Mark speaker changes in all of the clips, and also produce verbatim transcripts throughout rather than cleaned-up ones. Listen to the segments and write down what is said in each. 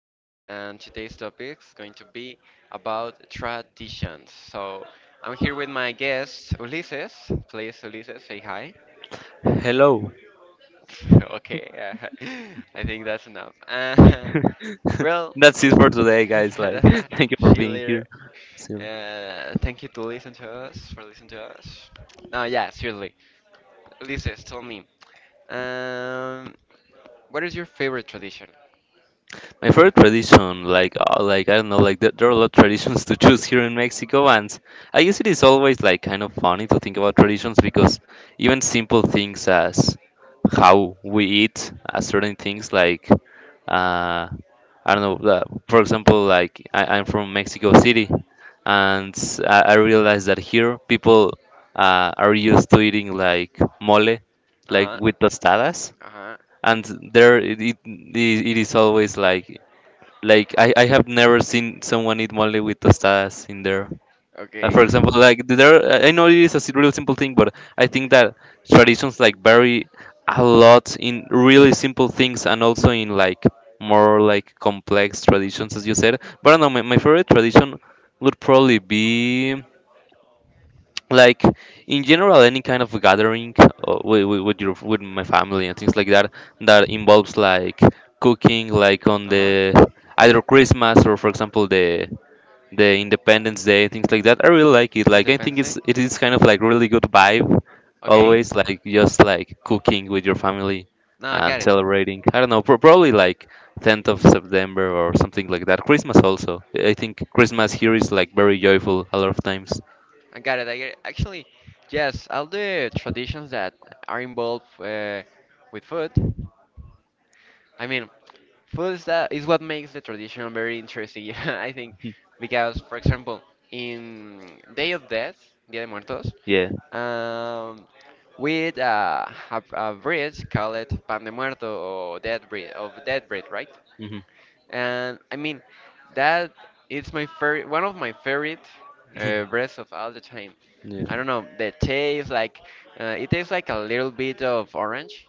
Speaker 1: here, and today's topic is going to be about traditions. So, I'm here with my guest, Ulises. Please, Ulises, say hi.
Speaker 2: hello.
Speaker 1: okay. uh, I think that's enough. Uh, well,
Speaker 2: That's it for today, guys. Like, thank you for
Speaker 1: see
Speaker 2: being
Speaker 1: later.
Speaker 2: here. See you.
Speaker 1: Uh, thank you to listen to us, for listening to us. No, yeah, seriously. Ulises, tell me, um, what is your favorite tradition?
Speaker 2: My favorite tradition, like uh, like I don't know, like there, there are a lot of traditions to choose here in Mexico, and I guess it is always like kind of funny to think about traditions because even simple things as how we eat, uh, certain things like uh, I don't know, uh, for example, like I, I'm from Mexico City, and I, I realized that here people uh, are used to eating like mole, like
Speaker 1: Uh-huh.
Speaker 2: with tostadas,
Speaker 1: Uh-huh.
Speaker 2: and there it, it, it is always like like I, I have never seen someone eat mole with tostadas in there. Uh, for
Speaker 1: Okay.
Speaker 2: example, like there, I I know it is a si- really simple thing, but I think that traditions like vary a lot in really simple things and also in like more like complex traditions, as you said. But I don't know, my, my favorite tradition would probably be like in general any kind of gathering uh, with, with with your with my family and things like that that involves like cooking like on the
Speaker 1: Uh-huh.
Speaker 2: either Christmas or for example the the Independence Day, things like that. I really like it. Like I think
Speaker 1: Independence Day?
Speaker 2: it's it is kind of like really good vibe,
Speaker 1: Okay.
Speaker 2: always like just like cooking with your family
Speaker 1: No, I
Speaker 2: and
Speaker 1: got it.
Speaker 2: celebrating. I don't know, pro- probably like tenth of September or something like that. Christmas also, I think Christmas here is like very joyful a lot of times.
Speaker 1: I got it. I get it. Actually, yes, all the traditions that are involved uh, with food. I mean, food is that is what makes the tradition very interesting. yeah, I think, because, for example, in Day of Death, Dia de Muertos,
Speaker 2: Yeah.
Speaker 1: um, we eat a, a, a bread called pan de muerto or dead bread of dead bread, right?
Speaker 2: Mm-hmm.
Speaker 1: And I mean, that it's my favorite, one of my favorite
Speaker 2: Yeah.
Speaker 1: uh, breads of all the time.
Speaker 2: Mm.
Speaker 1: I don't know, the taste like, uh, it tastes like a little bit of orange.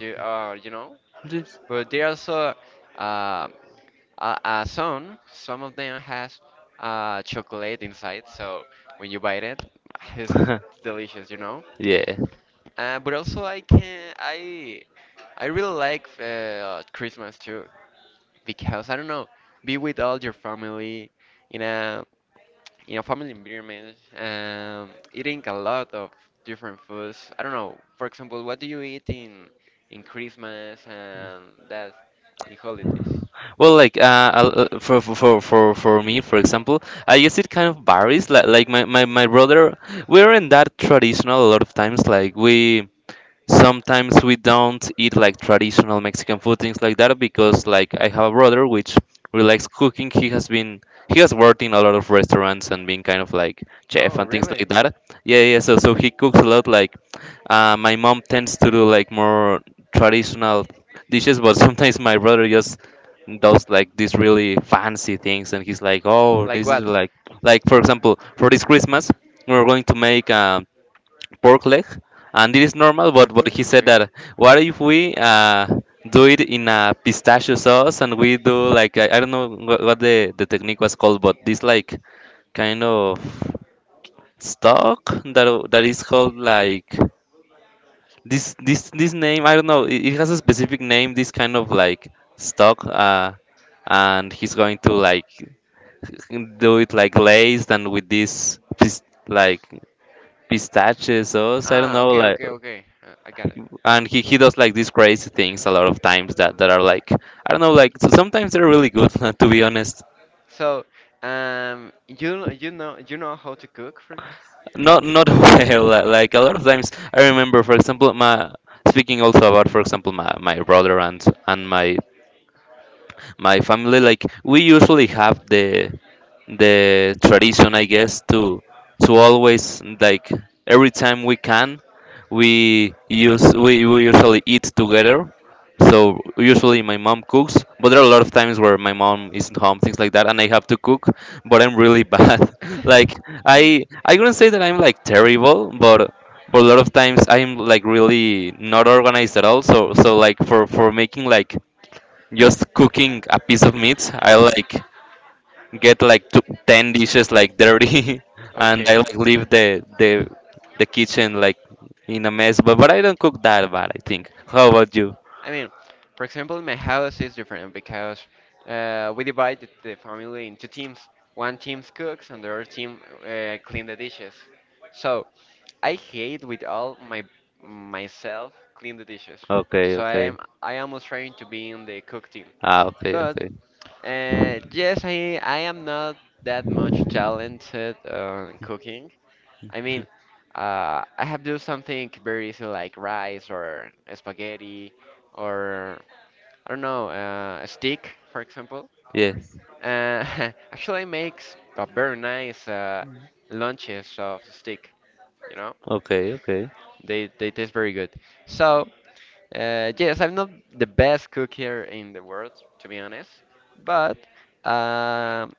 Speaker 1: Do uh, You know?
Speaker 2: Just
Speaker 1: But they also, uh, a, a some some of them has uh, chocolate inside, so when you bite it, it's delicious, you know.
Speaker 2: Yeah.
Speaker 1: Uh, but also I can I I really like uh, Christmas too, because I don't know, be with all your family in a in a family environment, um, eating a lot of different foods. I don't know. For example, what do you eat in in Christmas and that in holidays?
Speaker 2: Well, like uh, I'll- uh, for for for for for me, for example, I guess it kind of varies. Like like my my my brother, we're in that traditional a lot of times. Like we sometimes we don't eat like traditional Mexican food, things like that,
Speaker 1: Hmm.
Speaker 2: because like I have a brother which really likes cooking. He has been he has worked in a lot of restaurants and been kind of like chef
Speaker 1: Oh,
Speaker 2: and things
Speaker 1: really?
Speaker 2: like that. Yeah, yeah. So so he cooks a lot. Like uh, my mom tends to do like more traditional dishes, but sometimes my brother just does like these really fancy things, and he's like, oh,
Speaker 1: Like
Speaker 2: this is
Speaker 1: what?
Speaker 2: like like for example, for this Christmas, we're going to make um pork leg,
Speaker 1: Uh,
Speaker 2: and it is normal.
Speaker 1: More
Speaker 2: But but
Speaker 1: clear?
Speaker 2: he said
Speaker 1: Okay.
Speaker 2: that what if we uh, do it in a pistachio sauce and we do like I, I don't know what, what the the technique was called, but this like kind of stock that o- that is called like this this this name I don't know. It, it has a specific name. This kind of
Speaker 1: Hmm.
Speaker 2: like stock. Uh, and he's going to like do it like glazed and with this pis- like pistachio sauce. I don't
Speaker 1: Ah,
Speaker 2: know
Speaker 1: okay,
Speaker 2: like.
Speaker 1: okay, okay. Uh, I got it.
Speaker 2: And he, he does like these crazy things a lot of times that, that are like I don't know like so sometimes they're really good to be honest.
Speaker 1: So, um, you kn- you know you know how to cook, Frank?
Speaker 2: Not not well li- like a lot of times I remember for example my speaking also about for example my, my brother and and my my family like we usually have the the tradition I guess to to always like every time we can we use we, we usually eat together. So usually my mom cooks, but there are a lot of times where my mom isn't home, things like that, and I have to cook, but I'm really bad. Like i i wouldn't say that I'm like terrible, but but a lot of times I'm like really not organized at all. So so like for for making like just cooking a piece of meat, I like get like two, ten dishes like dirty
Speaker 1: Uh,
Speaker 2: and I like leave the the the kitchen
Speaker 1: okay.
Speaker 2: like in a mess, but, but I don't cook that bad I think. How about you?
Speaker 1: I mean, for example, my house is different because, uh, we divide the the family into teams. One team cooks and the other team, uh, clean the dishes. So I hate with all my myself clean the dishes.
Speaker 2: Okay,
Speaker 1: So I
Speaker 2: okay.
Speaker 1: am I am trying to be in the cook team.
Speaker 2: Ah, okay,
Speaker 1: But
Speaker 2: okay.
Speaker 1: uh, yes, I I am not that much talented on cooking. I mean, uh, I have do something very easy like rice or spaghetti, or I don't know, uh, a steak, for example.
Speaker 2: Yes.
Speaker 1: Uh, actually makes a very nice uh, lunches of steak. You know,
Speaker 2: Okay, okay.
Speaker 1: they they taste very good. So uh, yes, I'm not the best cook here in the world, to be honest, but um,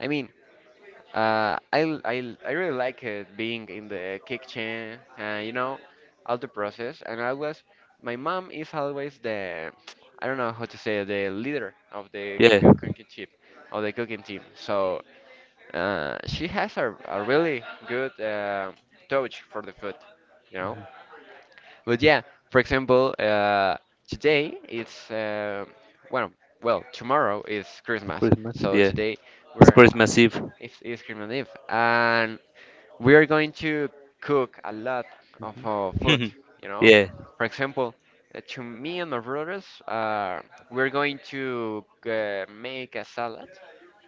Speaker 1: I mean, Uh, I, l- I, l- I really like it being in the kitchen, uh, you know, all the process. And always, my mom is always the, I don't know how to say, the leader of the
Speaker 2: Yeah,
Speaker 1: coo- cooking team, of the cooking team. So uh, she has a, a really good, uh, touch for the food, you know. But yeah, for example, uh, today it's, uh, well, well, tomorrow is Christmas.
Speaker 2: Christmas,
Speaker 1: So
Speaker 2: yeah.
Speaker 1: today
Speaker 2: It's
Speaker 1: we're
Speaker 2: Christmas Eve.
Speaker 1: it's, it's Christmas Eve, and we are going to cook a lot of uh, food. You know,
Speaker 2: Yeah.
Speaker 1: for example, uh, to me and my brothers, uh, we're going to uh, make a salad,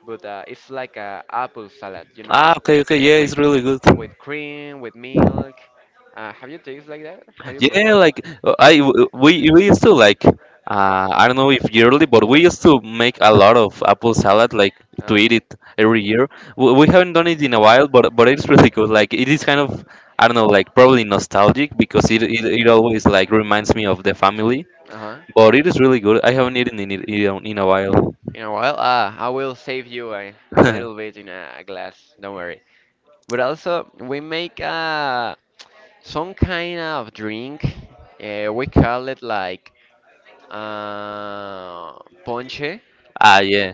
Speaker 1: but uh, it's like a apple salad. You
Speaker 2: Ah,
Speaker 1: know,
Speaker 2: okay, okay. Yeah,
Speaker 1: with
Speaker 2: it's really good.
Speaker 1: with cream, with milk. Uh, have you tasted like that? Have you proven?
Speaker 2: Yeah, like uh, I w- we we used to like uh, I don't know if yearly, but we used to make a lot of apple salad like
Speaker 1: Uh,
Speaker 2: to eat it every year. We, we haven't done it in a while, but but it's really good. Like it is kind of I don't know, like probably nostalgic because it it, it always like reminds me of the family.
Speaker 1: uh-huh.
Speaker 2: But it is really good. I haven't eaten in it in a in a while.
Speaker 1: You know what? Uh, I will save you a, a little bit in a, a glass. Don't worry. But also, we make uh, some kind of drink. Uh, we call it like uh, ponche,
Speaker 2: Ah yeah,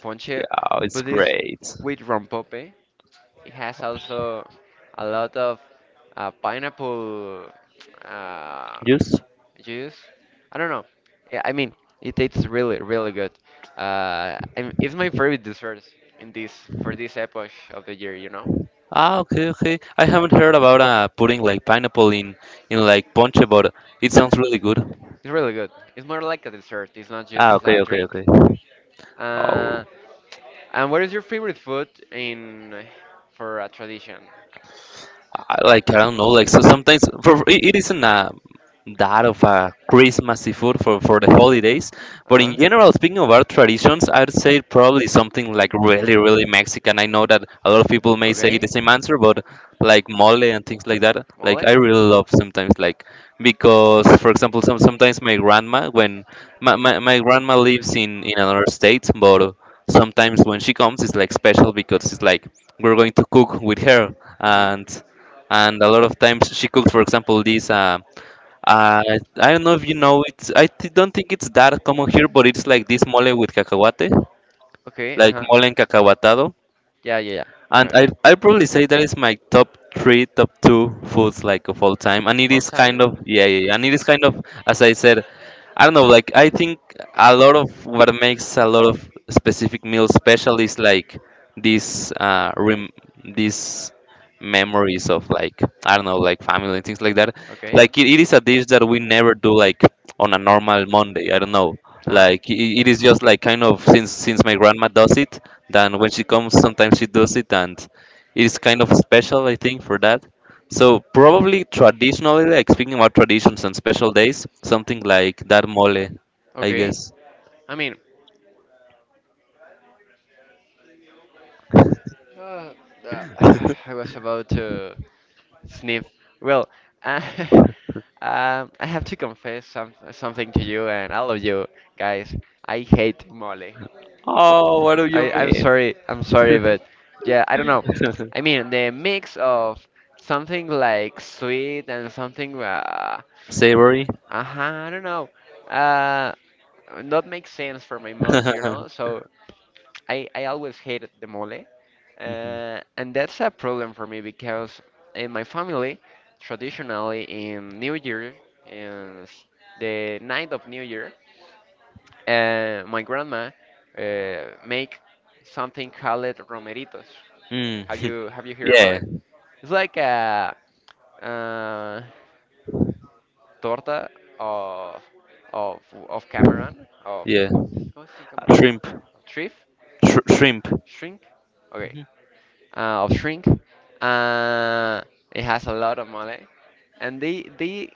Speaker 1: ponche,
Speaker 2: yeah, it's
Speaker 1: but it's
Speaker 2: great.
Speaker 1: with rompope. It has also a lot of uh, pineapple. Uh,
Speaker 2: Yes.
Speaker 1: Juice? I don't know. Yeah, I mean, it tastes really, really good. Uh, I it's my favorite dessert in this for this epoch of the year. You know,
Speaker 2: Ah, okay, okay. I haven't heard about uh, putting like pineapple in in like ponche, but it sounds really good.
Speaker 1: it's really good. It's more like a dessert. It's not just
Speaker 2: Ah,
Speaker 1: a
Speaker 2: okay, okay,
Speaker 1: drink.
Speaker 2: okay.
Speaker 1: Uh,
Speaker 2: Oh.
Speaker 1: and what is your favorite food in for a tradition?
Speaker 2: I- like I don't know, like so sometimes for for- it it isn't a that of a Christmassy food for for the holidays,
Speaker 1: Uh
Speaker 2: but in
Speaker 1: huh.
Speaker 2: general, speaking of our traditions, I'd say probably something like really really Mexican. I know that a lot of people may say the
Speaker 1: Okay.
Speaker 2: same answer, but like mole and things like that,
Speaker 1: Mole.
Speaker 2: like I really love sometimes like because for example, some sometimes my grandma when my my, my grandma lives in in another state, but sometimes when she comes it's like special because it's like we're going to cook with her
Speaker 1: Mhm.
Speaker 2: and and a lot of times she cooked for example this uh, uh, I don't know if you know it. I th- don't think it's that common here, but it's like this mole with cacahuate,
Speaker 1: Okay. Uh
Speaker 2: like
Speaker 1: huh.
Speaker 2: mole en cacahuatado.
Speaker 1: Yeah, yeah, yeah,
Speaker 2: And I
Speaker 1: yeah.
Speaker 2: I probably say that is my top three, top two foods like of all time. And it is kind of yeah, yeah, yeah. And it is kind of as I said, I don't know, like I think a lot of what makes a lot of specific meals special is like these uh rem- these memories of like I don't know, like family and things like that. Like it, it is a dish that we never do like on a normal Monday. I don't know. Like it, it is just like kind of since since my grandma does it, then when she comes sometimes she does it and it's kind of special I think for that. So probably traditionally, like speaking about traditions and special days, something like dar mole I guess.
Speaker 1: I mean, Uh, uh, I was about to sniff. Well, uh, um, I have to confess some, something to you and all of you guys. I hate mole.
Speaker 2: Oh, what do you
Speaker 1: I, I'm
Speaker 2: mean?
Speaker 1: sorry, I'm sorry, but yeah, I don't know. I mean, the mix of something like sweet and something, uh, uh
Speaker 2: Savory.
Speaker 1: I don't know. Uh, Not make sense for my months, you know? So I, I always hated the mole,
Speaker 2: Mhm.
Speaker 1: uh, and that's a problem for me because in my family, traditionally in New Year, in s- the night of New Year, uh, my grandma uh, make something called romeritos. Have
Speaker 2: Mm.
Speaker 1: you have you heard about
Speaker 2: Yeah.
Speaker 1: it? It's like a, uh, torta of of of camaron of
Speaker 2: Yeah,
Speaker 1: ¿cómo, se- cómo se dice camarón?
Speaker 2: shrimp.
Speaker 1: Shrimp?
Speaker 2: Sh- shrimp
Speaker 1: Shrink? Okay. Uh, of shrink. Uh, it has a lot of money, and they they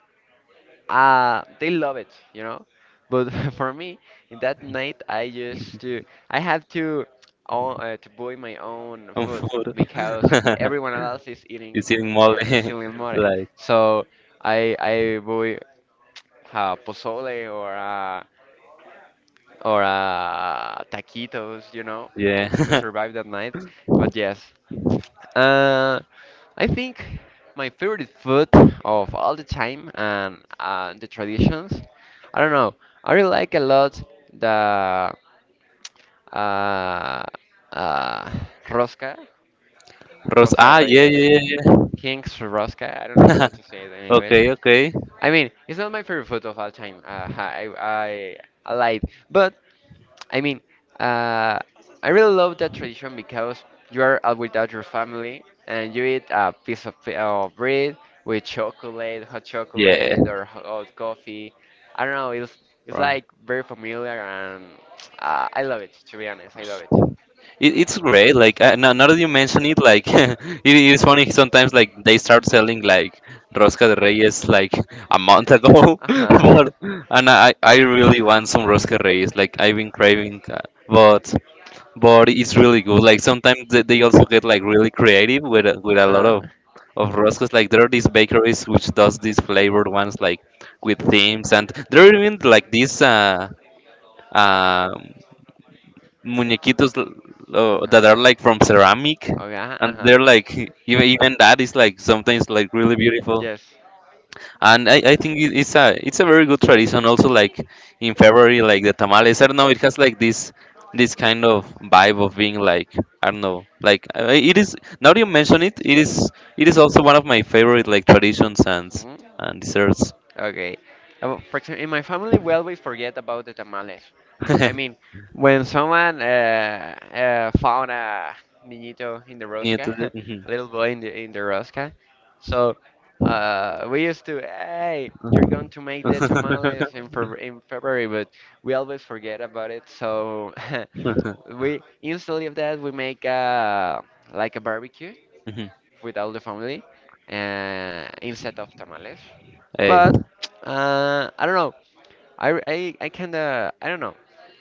Speaker 1: uh they love it, you know. But for me, in that night, I used to I had to own, uh, to buy my own
Speaker 2: on
Speaker 1: food
Speaker 2: food.
Speaker 1: because everyone else is eating.
Speaker 2: It's eating mole,
Speaker 1: Yeah, I still in more.
Speaker 2: like
Speaker 1: So I I buy uh, pozole or uh, or uh, taquitos, you know,
Speaker 2: yeah,
Speaker 1: to survive that night. But yes. Uh, I think my favorite food of all the time and, uh, the traditions. I don't know. I really like a lot the uh, uh, rosca,
Speaker 2: roast.
Speaker 1: Rosa de
Speaker 2: Ah, yeah,
Speaker 1: Reyes,
Speaker 2: yeah, yeah.
Speaker 1: King's rosca. I don't know
Speaker 2: Yeah.
Speaker 1: how to say it in English.
Speaker 2: Okay, okay,
Speaker 1: I mean, it's not my favorite food of all time. Uh, I I I lied, but I mean, uh, I really love that tradition because you are out without your family and you eat a piece of pi- of bread with chocolate, hot
Speaker 2: yeah.
Speaker 1: chocolate, or ho- hot coffee. I don't know, it's it's
Speaker 2: Wrong.
Speaker 1: like very familiar and, uh, I love it. To be honest, I love it.
Speaker 2: It, it's great. Like uh, now, now that you mention it, like it is funny sometimes. Like they start selling like rosca de reyes like a month ago,
Speaker 1: Uh huh.
Speaker 2: but and I I really want some rosca de reyes. Like I've been craving, uh, but but it's really good. Like sometimes they, they also get like really creative with a- with
Speaker 1: Uh
Speaker 2: a lot
Speaker 1: huh.
Speaker 2: of
Speaker 1: Uh,
Speaker 2: of roscoes. Like there are these bakeries which does these flavored ones like with themes, and there are even like these uh, uh, muñequitos l- uh, that are like from ceramic,
Speaker 1: oh yeah.
Speaker 2: and
Speaker 1: Uh huh.
Speaker 2: they're like even even that is like sometimes like really beautiful.
Speaker 1: Yes.
Speaker 2: And I, I think it- it's a it's a very good tradition also, like in February like the tamales. I don't know, it has like this this kind of vibe of being like I don't know like uh, it is now that you mention it it is it is also one of my favorite like traditions and
Speaker 1: Hmm.
Speaker 2: and desserts.
Speaker 1: Okay. Um, for example, in my family, we always forget about the tamales. I mean, when someone, uh, uh, found a niñito in the
Speaker 2: Yeah,
Speaker 1: rosca,
Speaker 2: to do-
Speaker 1: a
Speaker 2: mhm.
Speaker 1: little boy in the in the rosca, so uh, we used to, hey, you're going to make the tamales in Feb in February, but we always forget about it. So we instead of that we make a like a barbecue
Speaker 2: Mhm.
Speaker 1: with all the family, uh, instead of tamales.
Speaker 2: Hey.
Speaker 1: But uh, I don't know. I I, I kinda I don't know.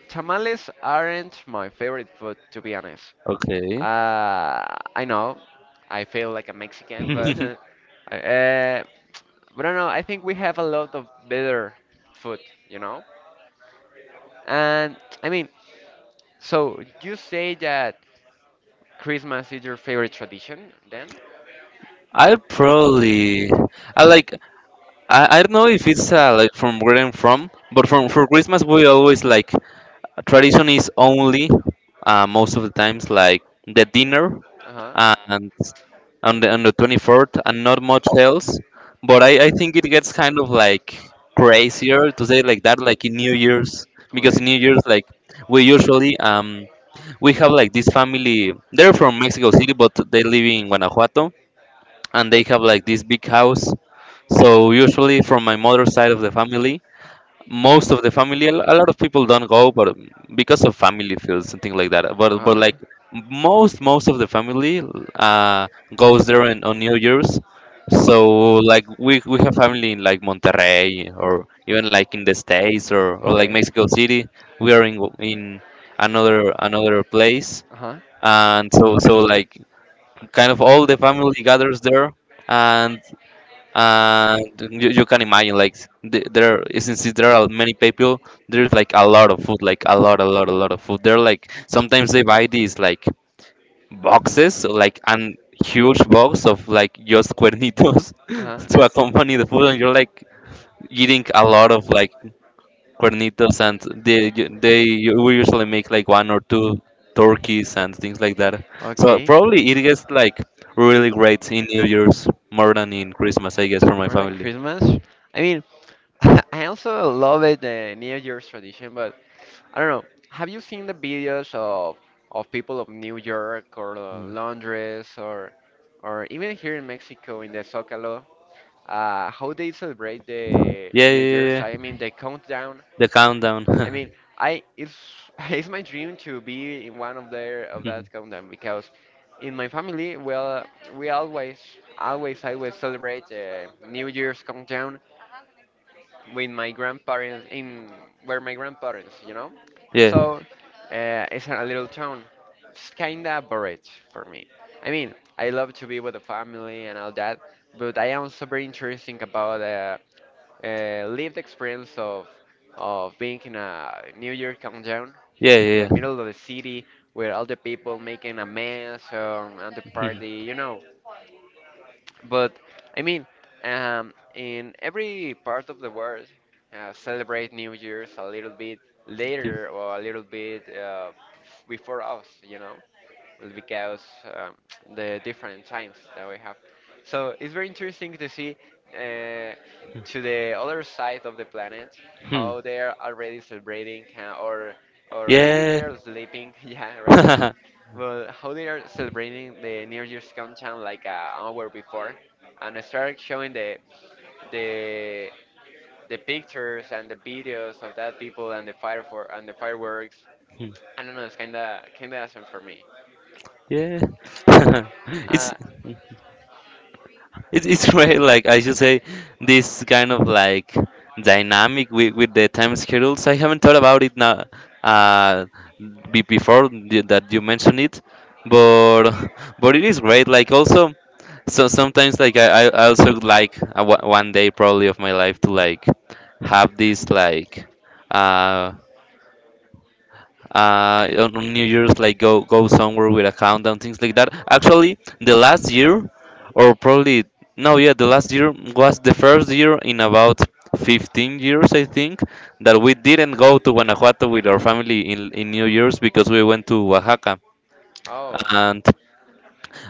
Speaker 1: Tamales aren't my favorite food to be honest.
Speaker 2: Okay.
Speaker 1: Uh, I know. I feel like a Mexican, but uh, but I don't know. I think we have a lot of better food, you know. And I mean, so you say that. Christmas is your favorite tradition then?
Speaker 2: I'll probably I like I, I don't know if it's uh, like from where I'm from, but from for Christmas we always like tradition is only uh, most of the times like the dinner
Speaker 1: Uh huh.
Speaker 2: uh, and on
Speaker 1: And
Speaker 2: the on the twenty-fourth and not much else. But I, I think it gets kind of like crazier to say like that like in New Year's, because in New Year's like we usually um we have like this family, they're from Mexico City but they live in Guanajuato, and they have like this big house. So usually from my mother's side of the family, most of the family, a a lot of people don't go, but um, because of family feels something like that. But
Speaker 1: uh
Speaker 2: but
Speaker 1: huh.
Speaker 2: like most most of the family uh, goes there on, on New Year's. So like we we have family in like Monterrey or even like in the States or, or like Mexico City. We are in in another another place,
Speaker 1: Uh huh.
Speaker 2: and so so like kind of all the family gathers there, and and you, you can imagine like th- there since there are many people, there's like a lot of food, like a lot a lot a lot of food. They're like, sometimes they buy these like boxes, so like and huge box of like just cuernitos
Speaker 1: Uh huh.
Speaker 2: to accompany the food, and you're like eating a lot of like cuernitos, and they they we usually make like one or two turkeys and things like that. So
Speaker 1: Okay.
Speaker 2: probably it gets like really great in New Year's, more than in Christmas, I guess, for my
Speaker 1: More than
Speaker 2: family.
Speaker 1: Christmas? I mean, I also love it, the New Year's tradition, but I don't know. Have you seen the videos of of people of New York or, uh,
Speaker 2: Mm.
Speaker 1: Londres or or even here in Mexico in the Zócalo, uh, how they celebrate the
Speaker 2: Yeah, yeah,
Speaker 1: New Year's?
Speaker 2: yeah,
Speaker 1: I mean,
Speaker 2: yeah.
Speaker 1: the countdown
Speaker 2: The countdown.
Speaker 1: I mean, I it's it's my dream to be in one of their of
Speaker 2: Mhm.
Speaker 1: that countdown, because in my family, well, we always always always celebrate, uh, New Year's countdown with my grandparents in where my grandparents, you know.
Speaker 2: Yeah,
Speaker 1: So uh, it's a little town. It's kinda boring for me. I mean, I love to be with the family and all that, but I am super interesting about, uh, uh, lived experience of of being in a New Year countdown
Speaker 2: yeah,
Speaker 1: in the
Speaker 2: yeah, yeah.
Speaker 1: middle of the city where all the people making a mess, um, and the
Speaker 2: Mhm.
Speaker 1: party, you know. But I mean, um, in every part of the world, uh, celebrate New Year's a little bit
Speaker 2: Dude.
Speaker 1: later or a little bit, uh, before us, you know, because, um, the different times that we have. So it's very interesting to see uh, to the other side of the planet
Speaker 2: Hmm.
Speaker 1: how they are already celebrating, uh, or or maybe they
Speaker 2: Yeah.
Speaker 1: are sleeping yeah right now, but how they are celebrating the new year's countdown like an hour before and start showing the the the pictures and the videos of that people and the fire for and the fireworks.
Speaker 2: Hmm.
Speaker 1: I don't know, it's kind of kind of awesome for me.
Speaker 2: Yeah.
Speaker 1: Uh,
Speaker 2: It's. it's it's great, like, I should say, this kind of like dynamic with, with the time schedules. I haven't thought about it now, uh be- before the- that you mentioned it, but but it is great, like, also. So sometimes like i i I also would like, uh, one one day probably of my life to like have this like uh uh, on on New Year's, like go go somewhere with a countdown, things like that. Actually, the last year, or probably, no, yeah, the last year was the first year in about fifteen years, I think, that we didn't go to Guanajuato with our family in in New Year's, because we went to Oaxaca,
Speaker 1: Oh.
Speaker 2: and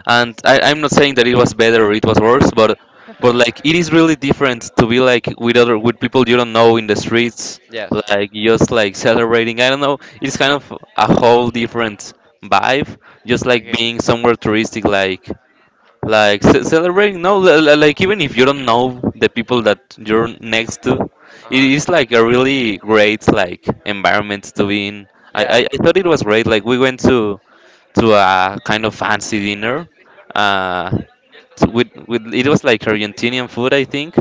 Speaker 2: and I, i'm not saying that it was better or it was worse, but but like it is really different to be like with other with people you don't know in the streets,
Speaker 1: yes.
Speaker 2: like just like celebrating. I don't know, it's kind of a whole different vibe, just like
Speaker 1: Okay.
Speaker 2: being somewhere touristic, like like ce- celebrating, no, li- li- like, even if you don't know the people that you're next to, it
Speaker 1: Uh
Speaker 2: is
Speaker 1: huh.
Speaker 2: like a really great like environment to be in. i
Speaker 1: Yeah,
Speaker 2: i, I thought it was great, like, we went to to a kind of fancy dinner. Uh, so with, with it was like Argentinian food, I think,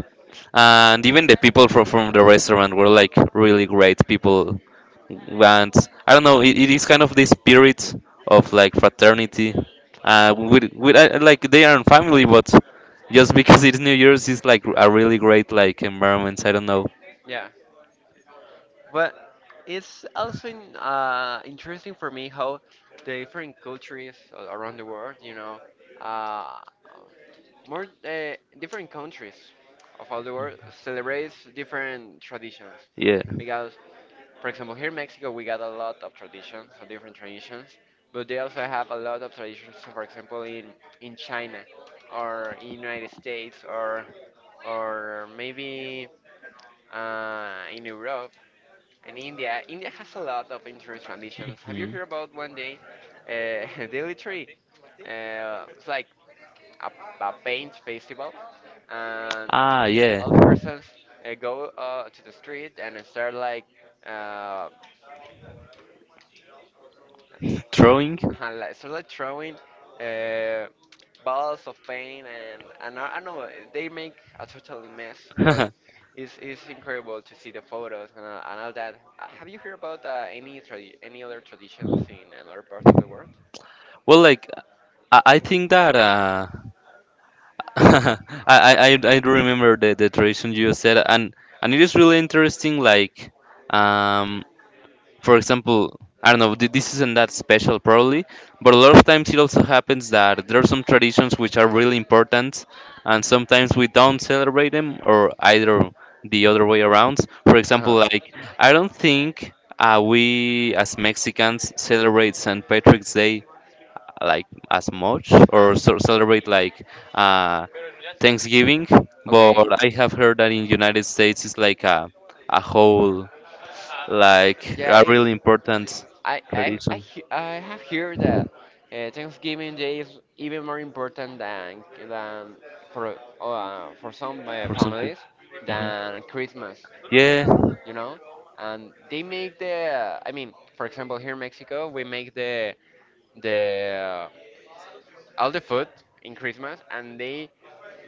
Speaker 2: and even the people from from the restaurant were like really great people. And I don't know, it, it is kind of this spirit of like fraternity. Uh, with, with I, I like, they are not family, but just because it's New Year's, it's like a really great like environment. I don't know.
Speaker 1: yeah. But it's also in, uh, interesting for me how the different cultures a- around the world, you know, uh, more uh, different countries of all the world celebrates different traditions.
Speaker 2: Yeah.
Speaker 1: Because for example here in Mexico we got a lot of traditions of different traditions, but they also have a lot of traditions. So for example in in China or in United States or or maybe uh, in Europe. And India, India has a lot of interesting traditions. Have you
Speaker 2: Mhm.
Speaker 1: heard about one day, uh, Dili Tree? Uh, it's like a, a paint festival, and
Speaker 2: Ah, yeah.
Speaker 1: all the persons uh, go uh, to the street and start like uh,
Speaker 2: Throwing?
Speaker 1: uh, like, sort like throwing uh, balls of paint and, and I, I know they make a total mess, but
Speaker 2: Well,
Speaker 1: it's, it's incredible to see the photos and, uh, and all that. Uh, Have you heard about uh, any tra any other traditions in another part of the world?
Speaker 2: like, I, I think that, uh, I, I I I do remember the, the tradition you said, and and it is really interesting. Like, um, for example, I don't know, th- this isn't that special, probably, but a lot of times it also happens that there are some traditions which are really important, and sometimes we don't celebrate them, or either the other way around. For
Speaker 1: Uh-huh.
Speaker 2: example,
Speaker 1: Uh-huh.
Speaker 2: like, I don't think uh, we as Mexicans celebrate Saint Patrick's Day like as much, or so celebrate like, uh, Thanksgiving,
Speaker 1: Okay.
Speaker 2: but I have heard that in United States it's like a a whole, like,
Speaker 1: Yeah,
Speaker 2: a
Speaker 1: really it's
Speaker 2: really important
Speaker 1: I I I,
Speaker 2: tradition
Speaker 1: he- I have heard that uh, Thanksgiving Day is even more important than than for uh, for some uh,
Speaker 2: for some people.
Speaker 1: families
Speaker 2: Hmm.
Speaker 1: than Christmas,
Speaker 2: Yeah.
Speaker 1: you know. And they make the I mean, for example, here in Mexico, we make the the all the food in Christmas, and they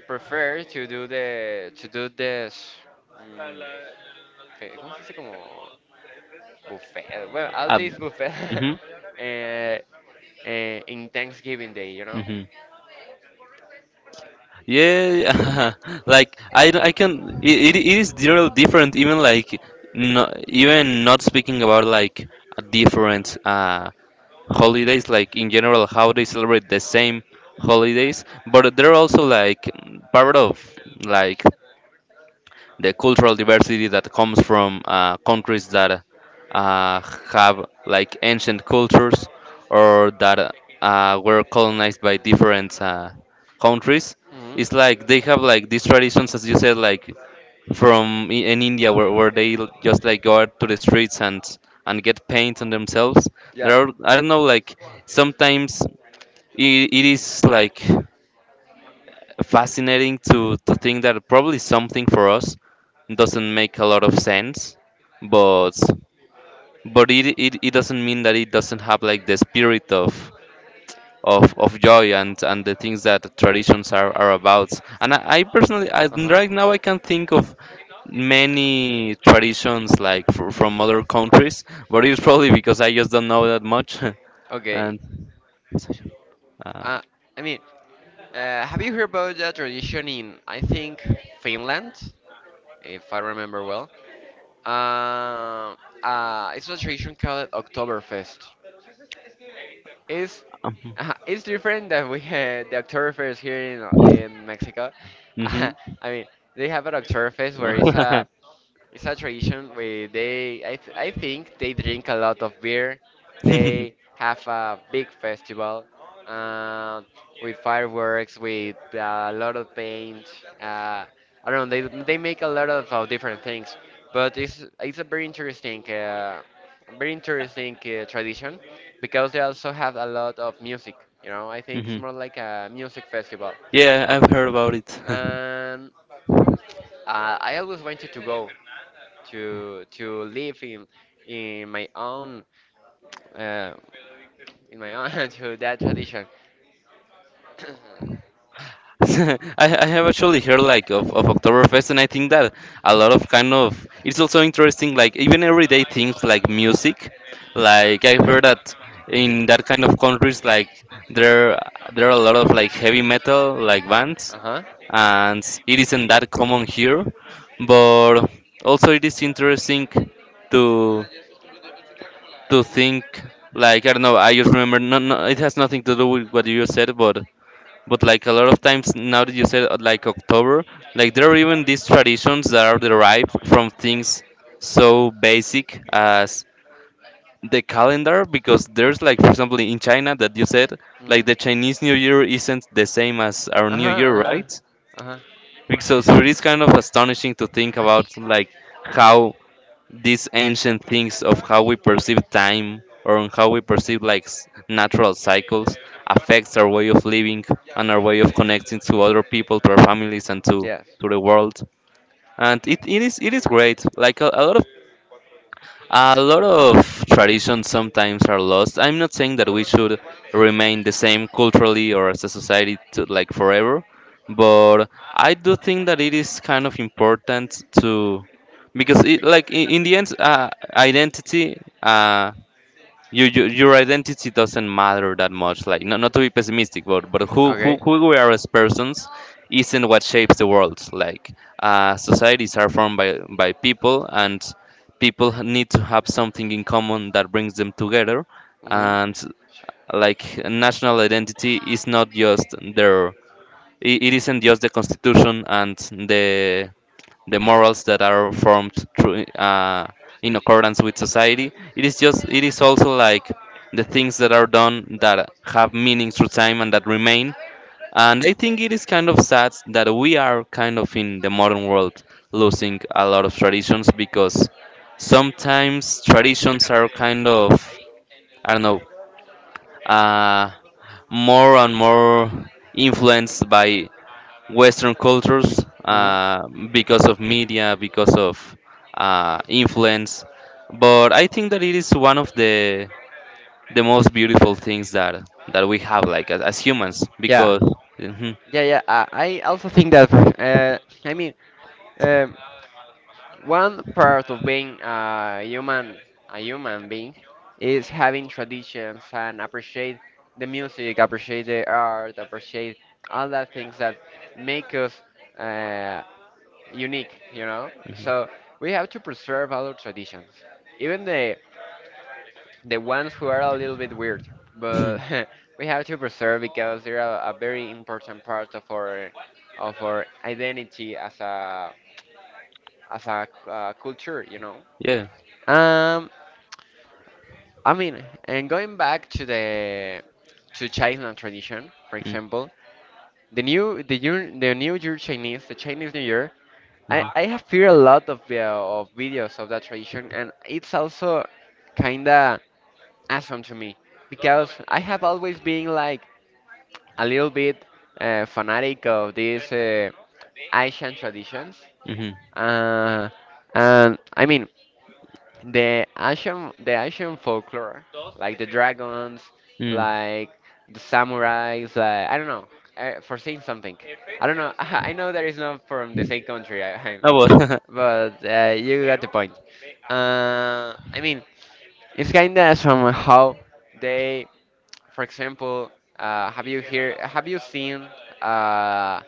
Speaker 1: prefer to do the to do this. mm, fe- ¿Cómo se dice? Como buffet. Well, all
Speaker 2: um,
Speaker 1: this buffet
Speaker 2: hmm.
Speaker 1: eh, eh, in Thanksgiving Day, you know.
Speaker 2: Hmm. Yeah, like, I, I can, it, it is real different, even like, no, even not speaking about like different uh, holidays, like, in general, how they celebrate the same holidays, but they're also like part of like the cultural diversity that comes from uh, countries that uh, have like ancient cultures, or that uh, were colonized by different uh, countries. It's like they
Speaker 1: Mhm.
Speaker 2: have like these traditions, as you said, like from i- in India where, where they l- just like go out to the streets and and get paint on themselves. There are, I don't know, like sometimes, it, it is like fascinating to to think that probably something for us doesn't make a lot of sense, but but it, it, it doesn't mean that it doesn't have like the spirit of of, of joy, and and the things that traditions are, are about. And I, I personally, I,
Speaker 1: Uh huh.
Speaker 2: right now, I can think of many traditions like, fr- from other countries, but it's probably because I just don't know that much.
Speaker 1: Okay.
Speaker 2: And uh,
Speaker 1: Uh, I mean, uh, have you heard about that tradition in, I think, Finland, if I remember well? Uh, uh, it's a tradition called Oktoberfest. It's uh, it's different that we had the Oktoberfest here in in Mexico. I
Speaker 2: mhm.
Speaker 1: mean, they have an Oktoberfest where it's a it's a tradition where they I th I think they drink a lot of beer. They have a big festival uh, with fireworks, with uh, a lot of paint. Uh, I don't know. They they make a lot of, of different things, but it's it's a very interesting. Uh, very interesting uh, tradition because they also have a lot of music. You know, I think it's
Speaker 2: Hmm.
Speaker 1: more like a music festival,
Speaker 2: Yeah, I've heard about it.
Speaker 1: and uh, I always wanted to go to to live in in my own uh, in my own to that tradition.
Speaker 2: I, I have actually heard like of, of Oktoberfest, and I think that a lot of kind of, it's also interesting, like even everyday things like music. Like, I heard that in that kind of countries like, there there are a lot of like heavy metal like bands,
Speaker 1: Uh huh.
Speaker 2: and it isn't that common here, but also it is interesting to to think, like, I don't know. I just remember, no, no, it has nothing to do with what you said, but but like, a lot of times now that you said, uh, like, October, like there are even these traditions that are derived from things so basic as the calendar, because there's like, for example, in China, that you said, like, the Chinese New Year isn't the same as our New Year, right?
Speaker 1: Ajá, ajá.
Speaker 2: Like, so so it is kind of astonishing to think about, like, how these ancient things of how we perceive time, or on how we perceive like s- natural cycles affects our way of living and our way of connecting to other people, to our families, and to to the world. And it, it is it is great, like, a, a lot of a lot of traditions sometimes are lost. I'm not saying that we should remain the same culturally or as a society to, like, forever, but I do think that it is kind of important to, because, it like, in, in the end, uh, identity, uh, you, you your identity doesn't matter that much, like, not, not to be pessimistic, but but who, who who we are as persons isn't what shapes the world, like, uh, societies are formed by by people, and people need to have something in common that brings them together. And like, national identity is not just their, it, it isn't just the constitution and the the morals that are formed through, uh, in accordance with society. It is just, it is also like the things that are done that have meaning through time and that remain. And I think it is kind of sad that we are kind of in the modern world losing a lot of traditions, because sometimes traditions are kind of, I don't know, uh, more and more influenced by Western cultures, uh, because of media, because of uh, influence. But I think that it is one of the the most beautiful things that that we have, like, as, as humans,
Speaker 1: Yeah,
Speaker 2: because…
Speaker 1: because
Speaker 2: Mhm.
Speaker 1: yeah, yeah. I, I also think that. For, uh, I mean, um, one part of being a human, a human being, is having traditions and appreciate the music, appreciate the art, appreciate all the things that make us uh, unique. You know,
Speaker 2: Mhm.
Speaker 1: so we have to preserve our traditions, even the the ones who are a little bit weird, but
Speaker 2: Mhm.
Speaker 1: we have to preserve because they're a, a very important part of our of our identity as a as a uh, culture. You know.
Speaker 2: Yeah.
Speaker 1: Um, I mean, and going back to the to Chinese tradition, for
Speaker 2: Mm.
Speaker 1: example, the new the new the New Year Chinese, the Chinese New Year, I
Speaker 2: Mhm.
Speaker 1: I have heard a lot of the, of videos of that tradition, and it's also kinda awesome to me because I have always been like a little bit uh, fanatic of these uh, Asian traditions.
Speaker 2: Mhm.
Speaker 1: Uh, and I mean, The Asian, the Asian folklore, like the dragons,
Speaker 2: Mm.
Speaker 1: like the samurais, like I don't know, uh, for saying something. I don't know. I know that it's not from the same country, I, I,
Speaker 2: No, but
Speaker 1: but uh, you got the point. Uh, I mean, it's kind of from how they, for example, uh, have you hear, have you seen uh,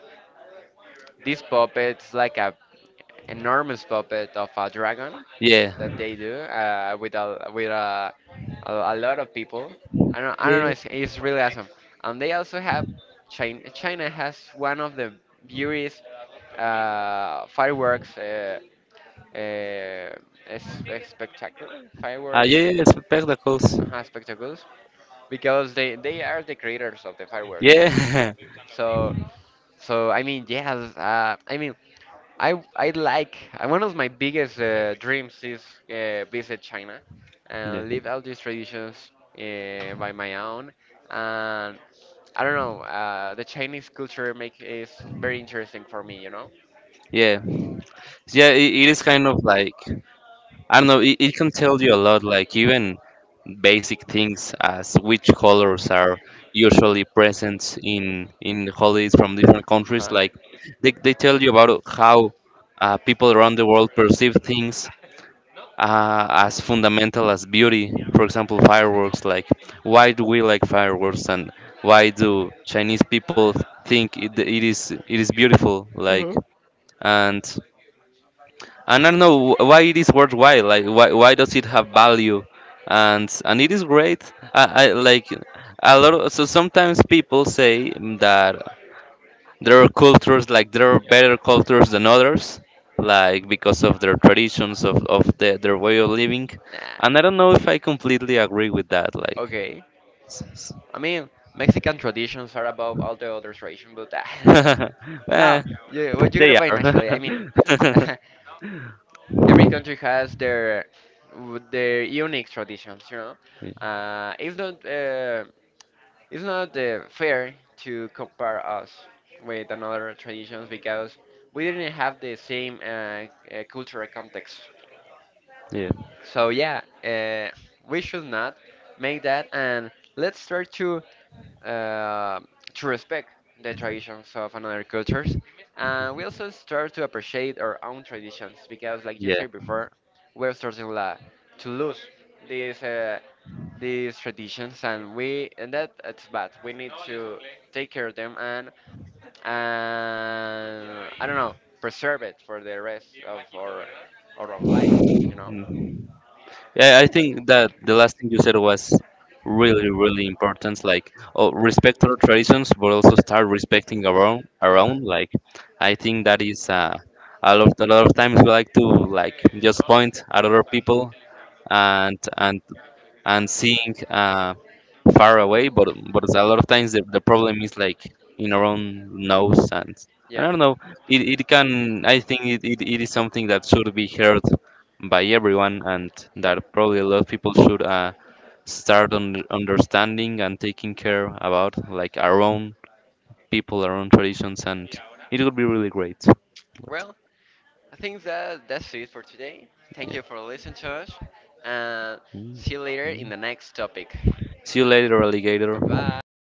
Speaker 1: these puppets like a enormous puppet of a dragon that they do uh, with a with a, a, a lot of people. I don't I don't
Speaker 2: yeah.
Speaker 1: know. It's, it's really awesome. And they also have China. China has one of the beautiest uh, fireworks. Uh, uh, es- Spectacular Uh,
Speaker 2: Ah,
Speaker 1: fireworks.
Speaker 2: yeah, yeah, spectacles.
Speaker 1: Uh, spectacles because they they are the creators of the fireworks.
Speaker 2: Yeah.
Speaker 1: So so I mean yes. Uh, I mean I I like uh, one of my biggest uh, dreams is uh, visit China and
Speaker 2: Yeah.
Speaker 1: live out these traditions uh, by my own. And I don't know, uh, the Chinese culture make is very interesting for me, you know.
Speaker 2: Yeah. Yeah, it, it is kind of like, I don't know, it, it can tell you a lot, like even basic things as which colors are usually present in in holidays from different countries.
Speaker 1: Uh-huh.
Speaker 2: Like, they, they tell you about how uh, people around the world perceive things, uh, as fundamental as beauty. For example, fireworks. Like, why do we like fireworks, and why do Chinese people think, it, it is it is beautiful? Like, and and I don't know, wh- why it is worthwhile. Like, why why does it have value? And and it is great. I, I like a lot. Of, so sometimes people say that there are cultures like, there are better cultures than others, like, because of their traditions, of, of the, their way of living,
Speaker 1: Yeah.
Speaker 2: and I don't know if I completely agree with that, like.
Speaker 1: Okay. I mean, Mexican traditions are above all the other traditions, but uh,
Speaker 2: eh,
Speaker 1: now, yeah, what you gotta
Speaker 2: they
Speaker 1: buy
Speaker 2: are.
Speaker 1: actually? I mean, every country has their w- their unique traditions, you know. Uh, it's not uh, it's not uh, fair to compare us with another traditions because we didn't have the same uh, uh, cultural context.
Speaker 2: Yeah,
Speaker 1: So yeah, uh, we should not make that, and let's start to uh, to respect the traditions of another cultures, and we also start to appreciate our own traditions because, like you
Speaker 2: yeah.
Speaker 1: said before, we're starting la to lose these uh, these traditions, and we and that it's bad. We need to take care of them and and I don't know preserve it for the rest of our our lives, you know.
Speaker 2: Yeah, I think that the last thing you said was really, really important. Like, oh, respect our traditions, but also start respecting our own. Our
Speaker 1: Uh-huh. I
Speaker 2: own. Like, I think that is, uh, a lot. A lot of times we like to, like, just point at other people, and and and seeing, uh, far away. But but a lot of times, the, the problem is, like, in our own nose, and I
Speaker 1: Yeah.
Speaker 2: don't know. It, it can I think it, it, it is something that should be heard by everyone, and that probably a lot of people should, uh, start on understanding and taking care about, like, our own people, our own traditions, and it would be really great.
Speaker 1: Well, I think that that's it for today. Thank
Speaker 2: Yeah.
Speaker 1: you for listening to us. And
Speaker 2: Mm,
Speaker 1: see you later in
Speaker 2: mm.
Speaker 1: the next topic. See
Speaker 2: See you later, alligator.
Speaker 1: Goodbye.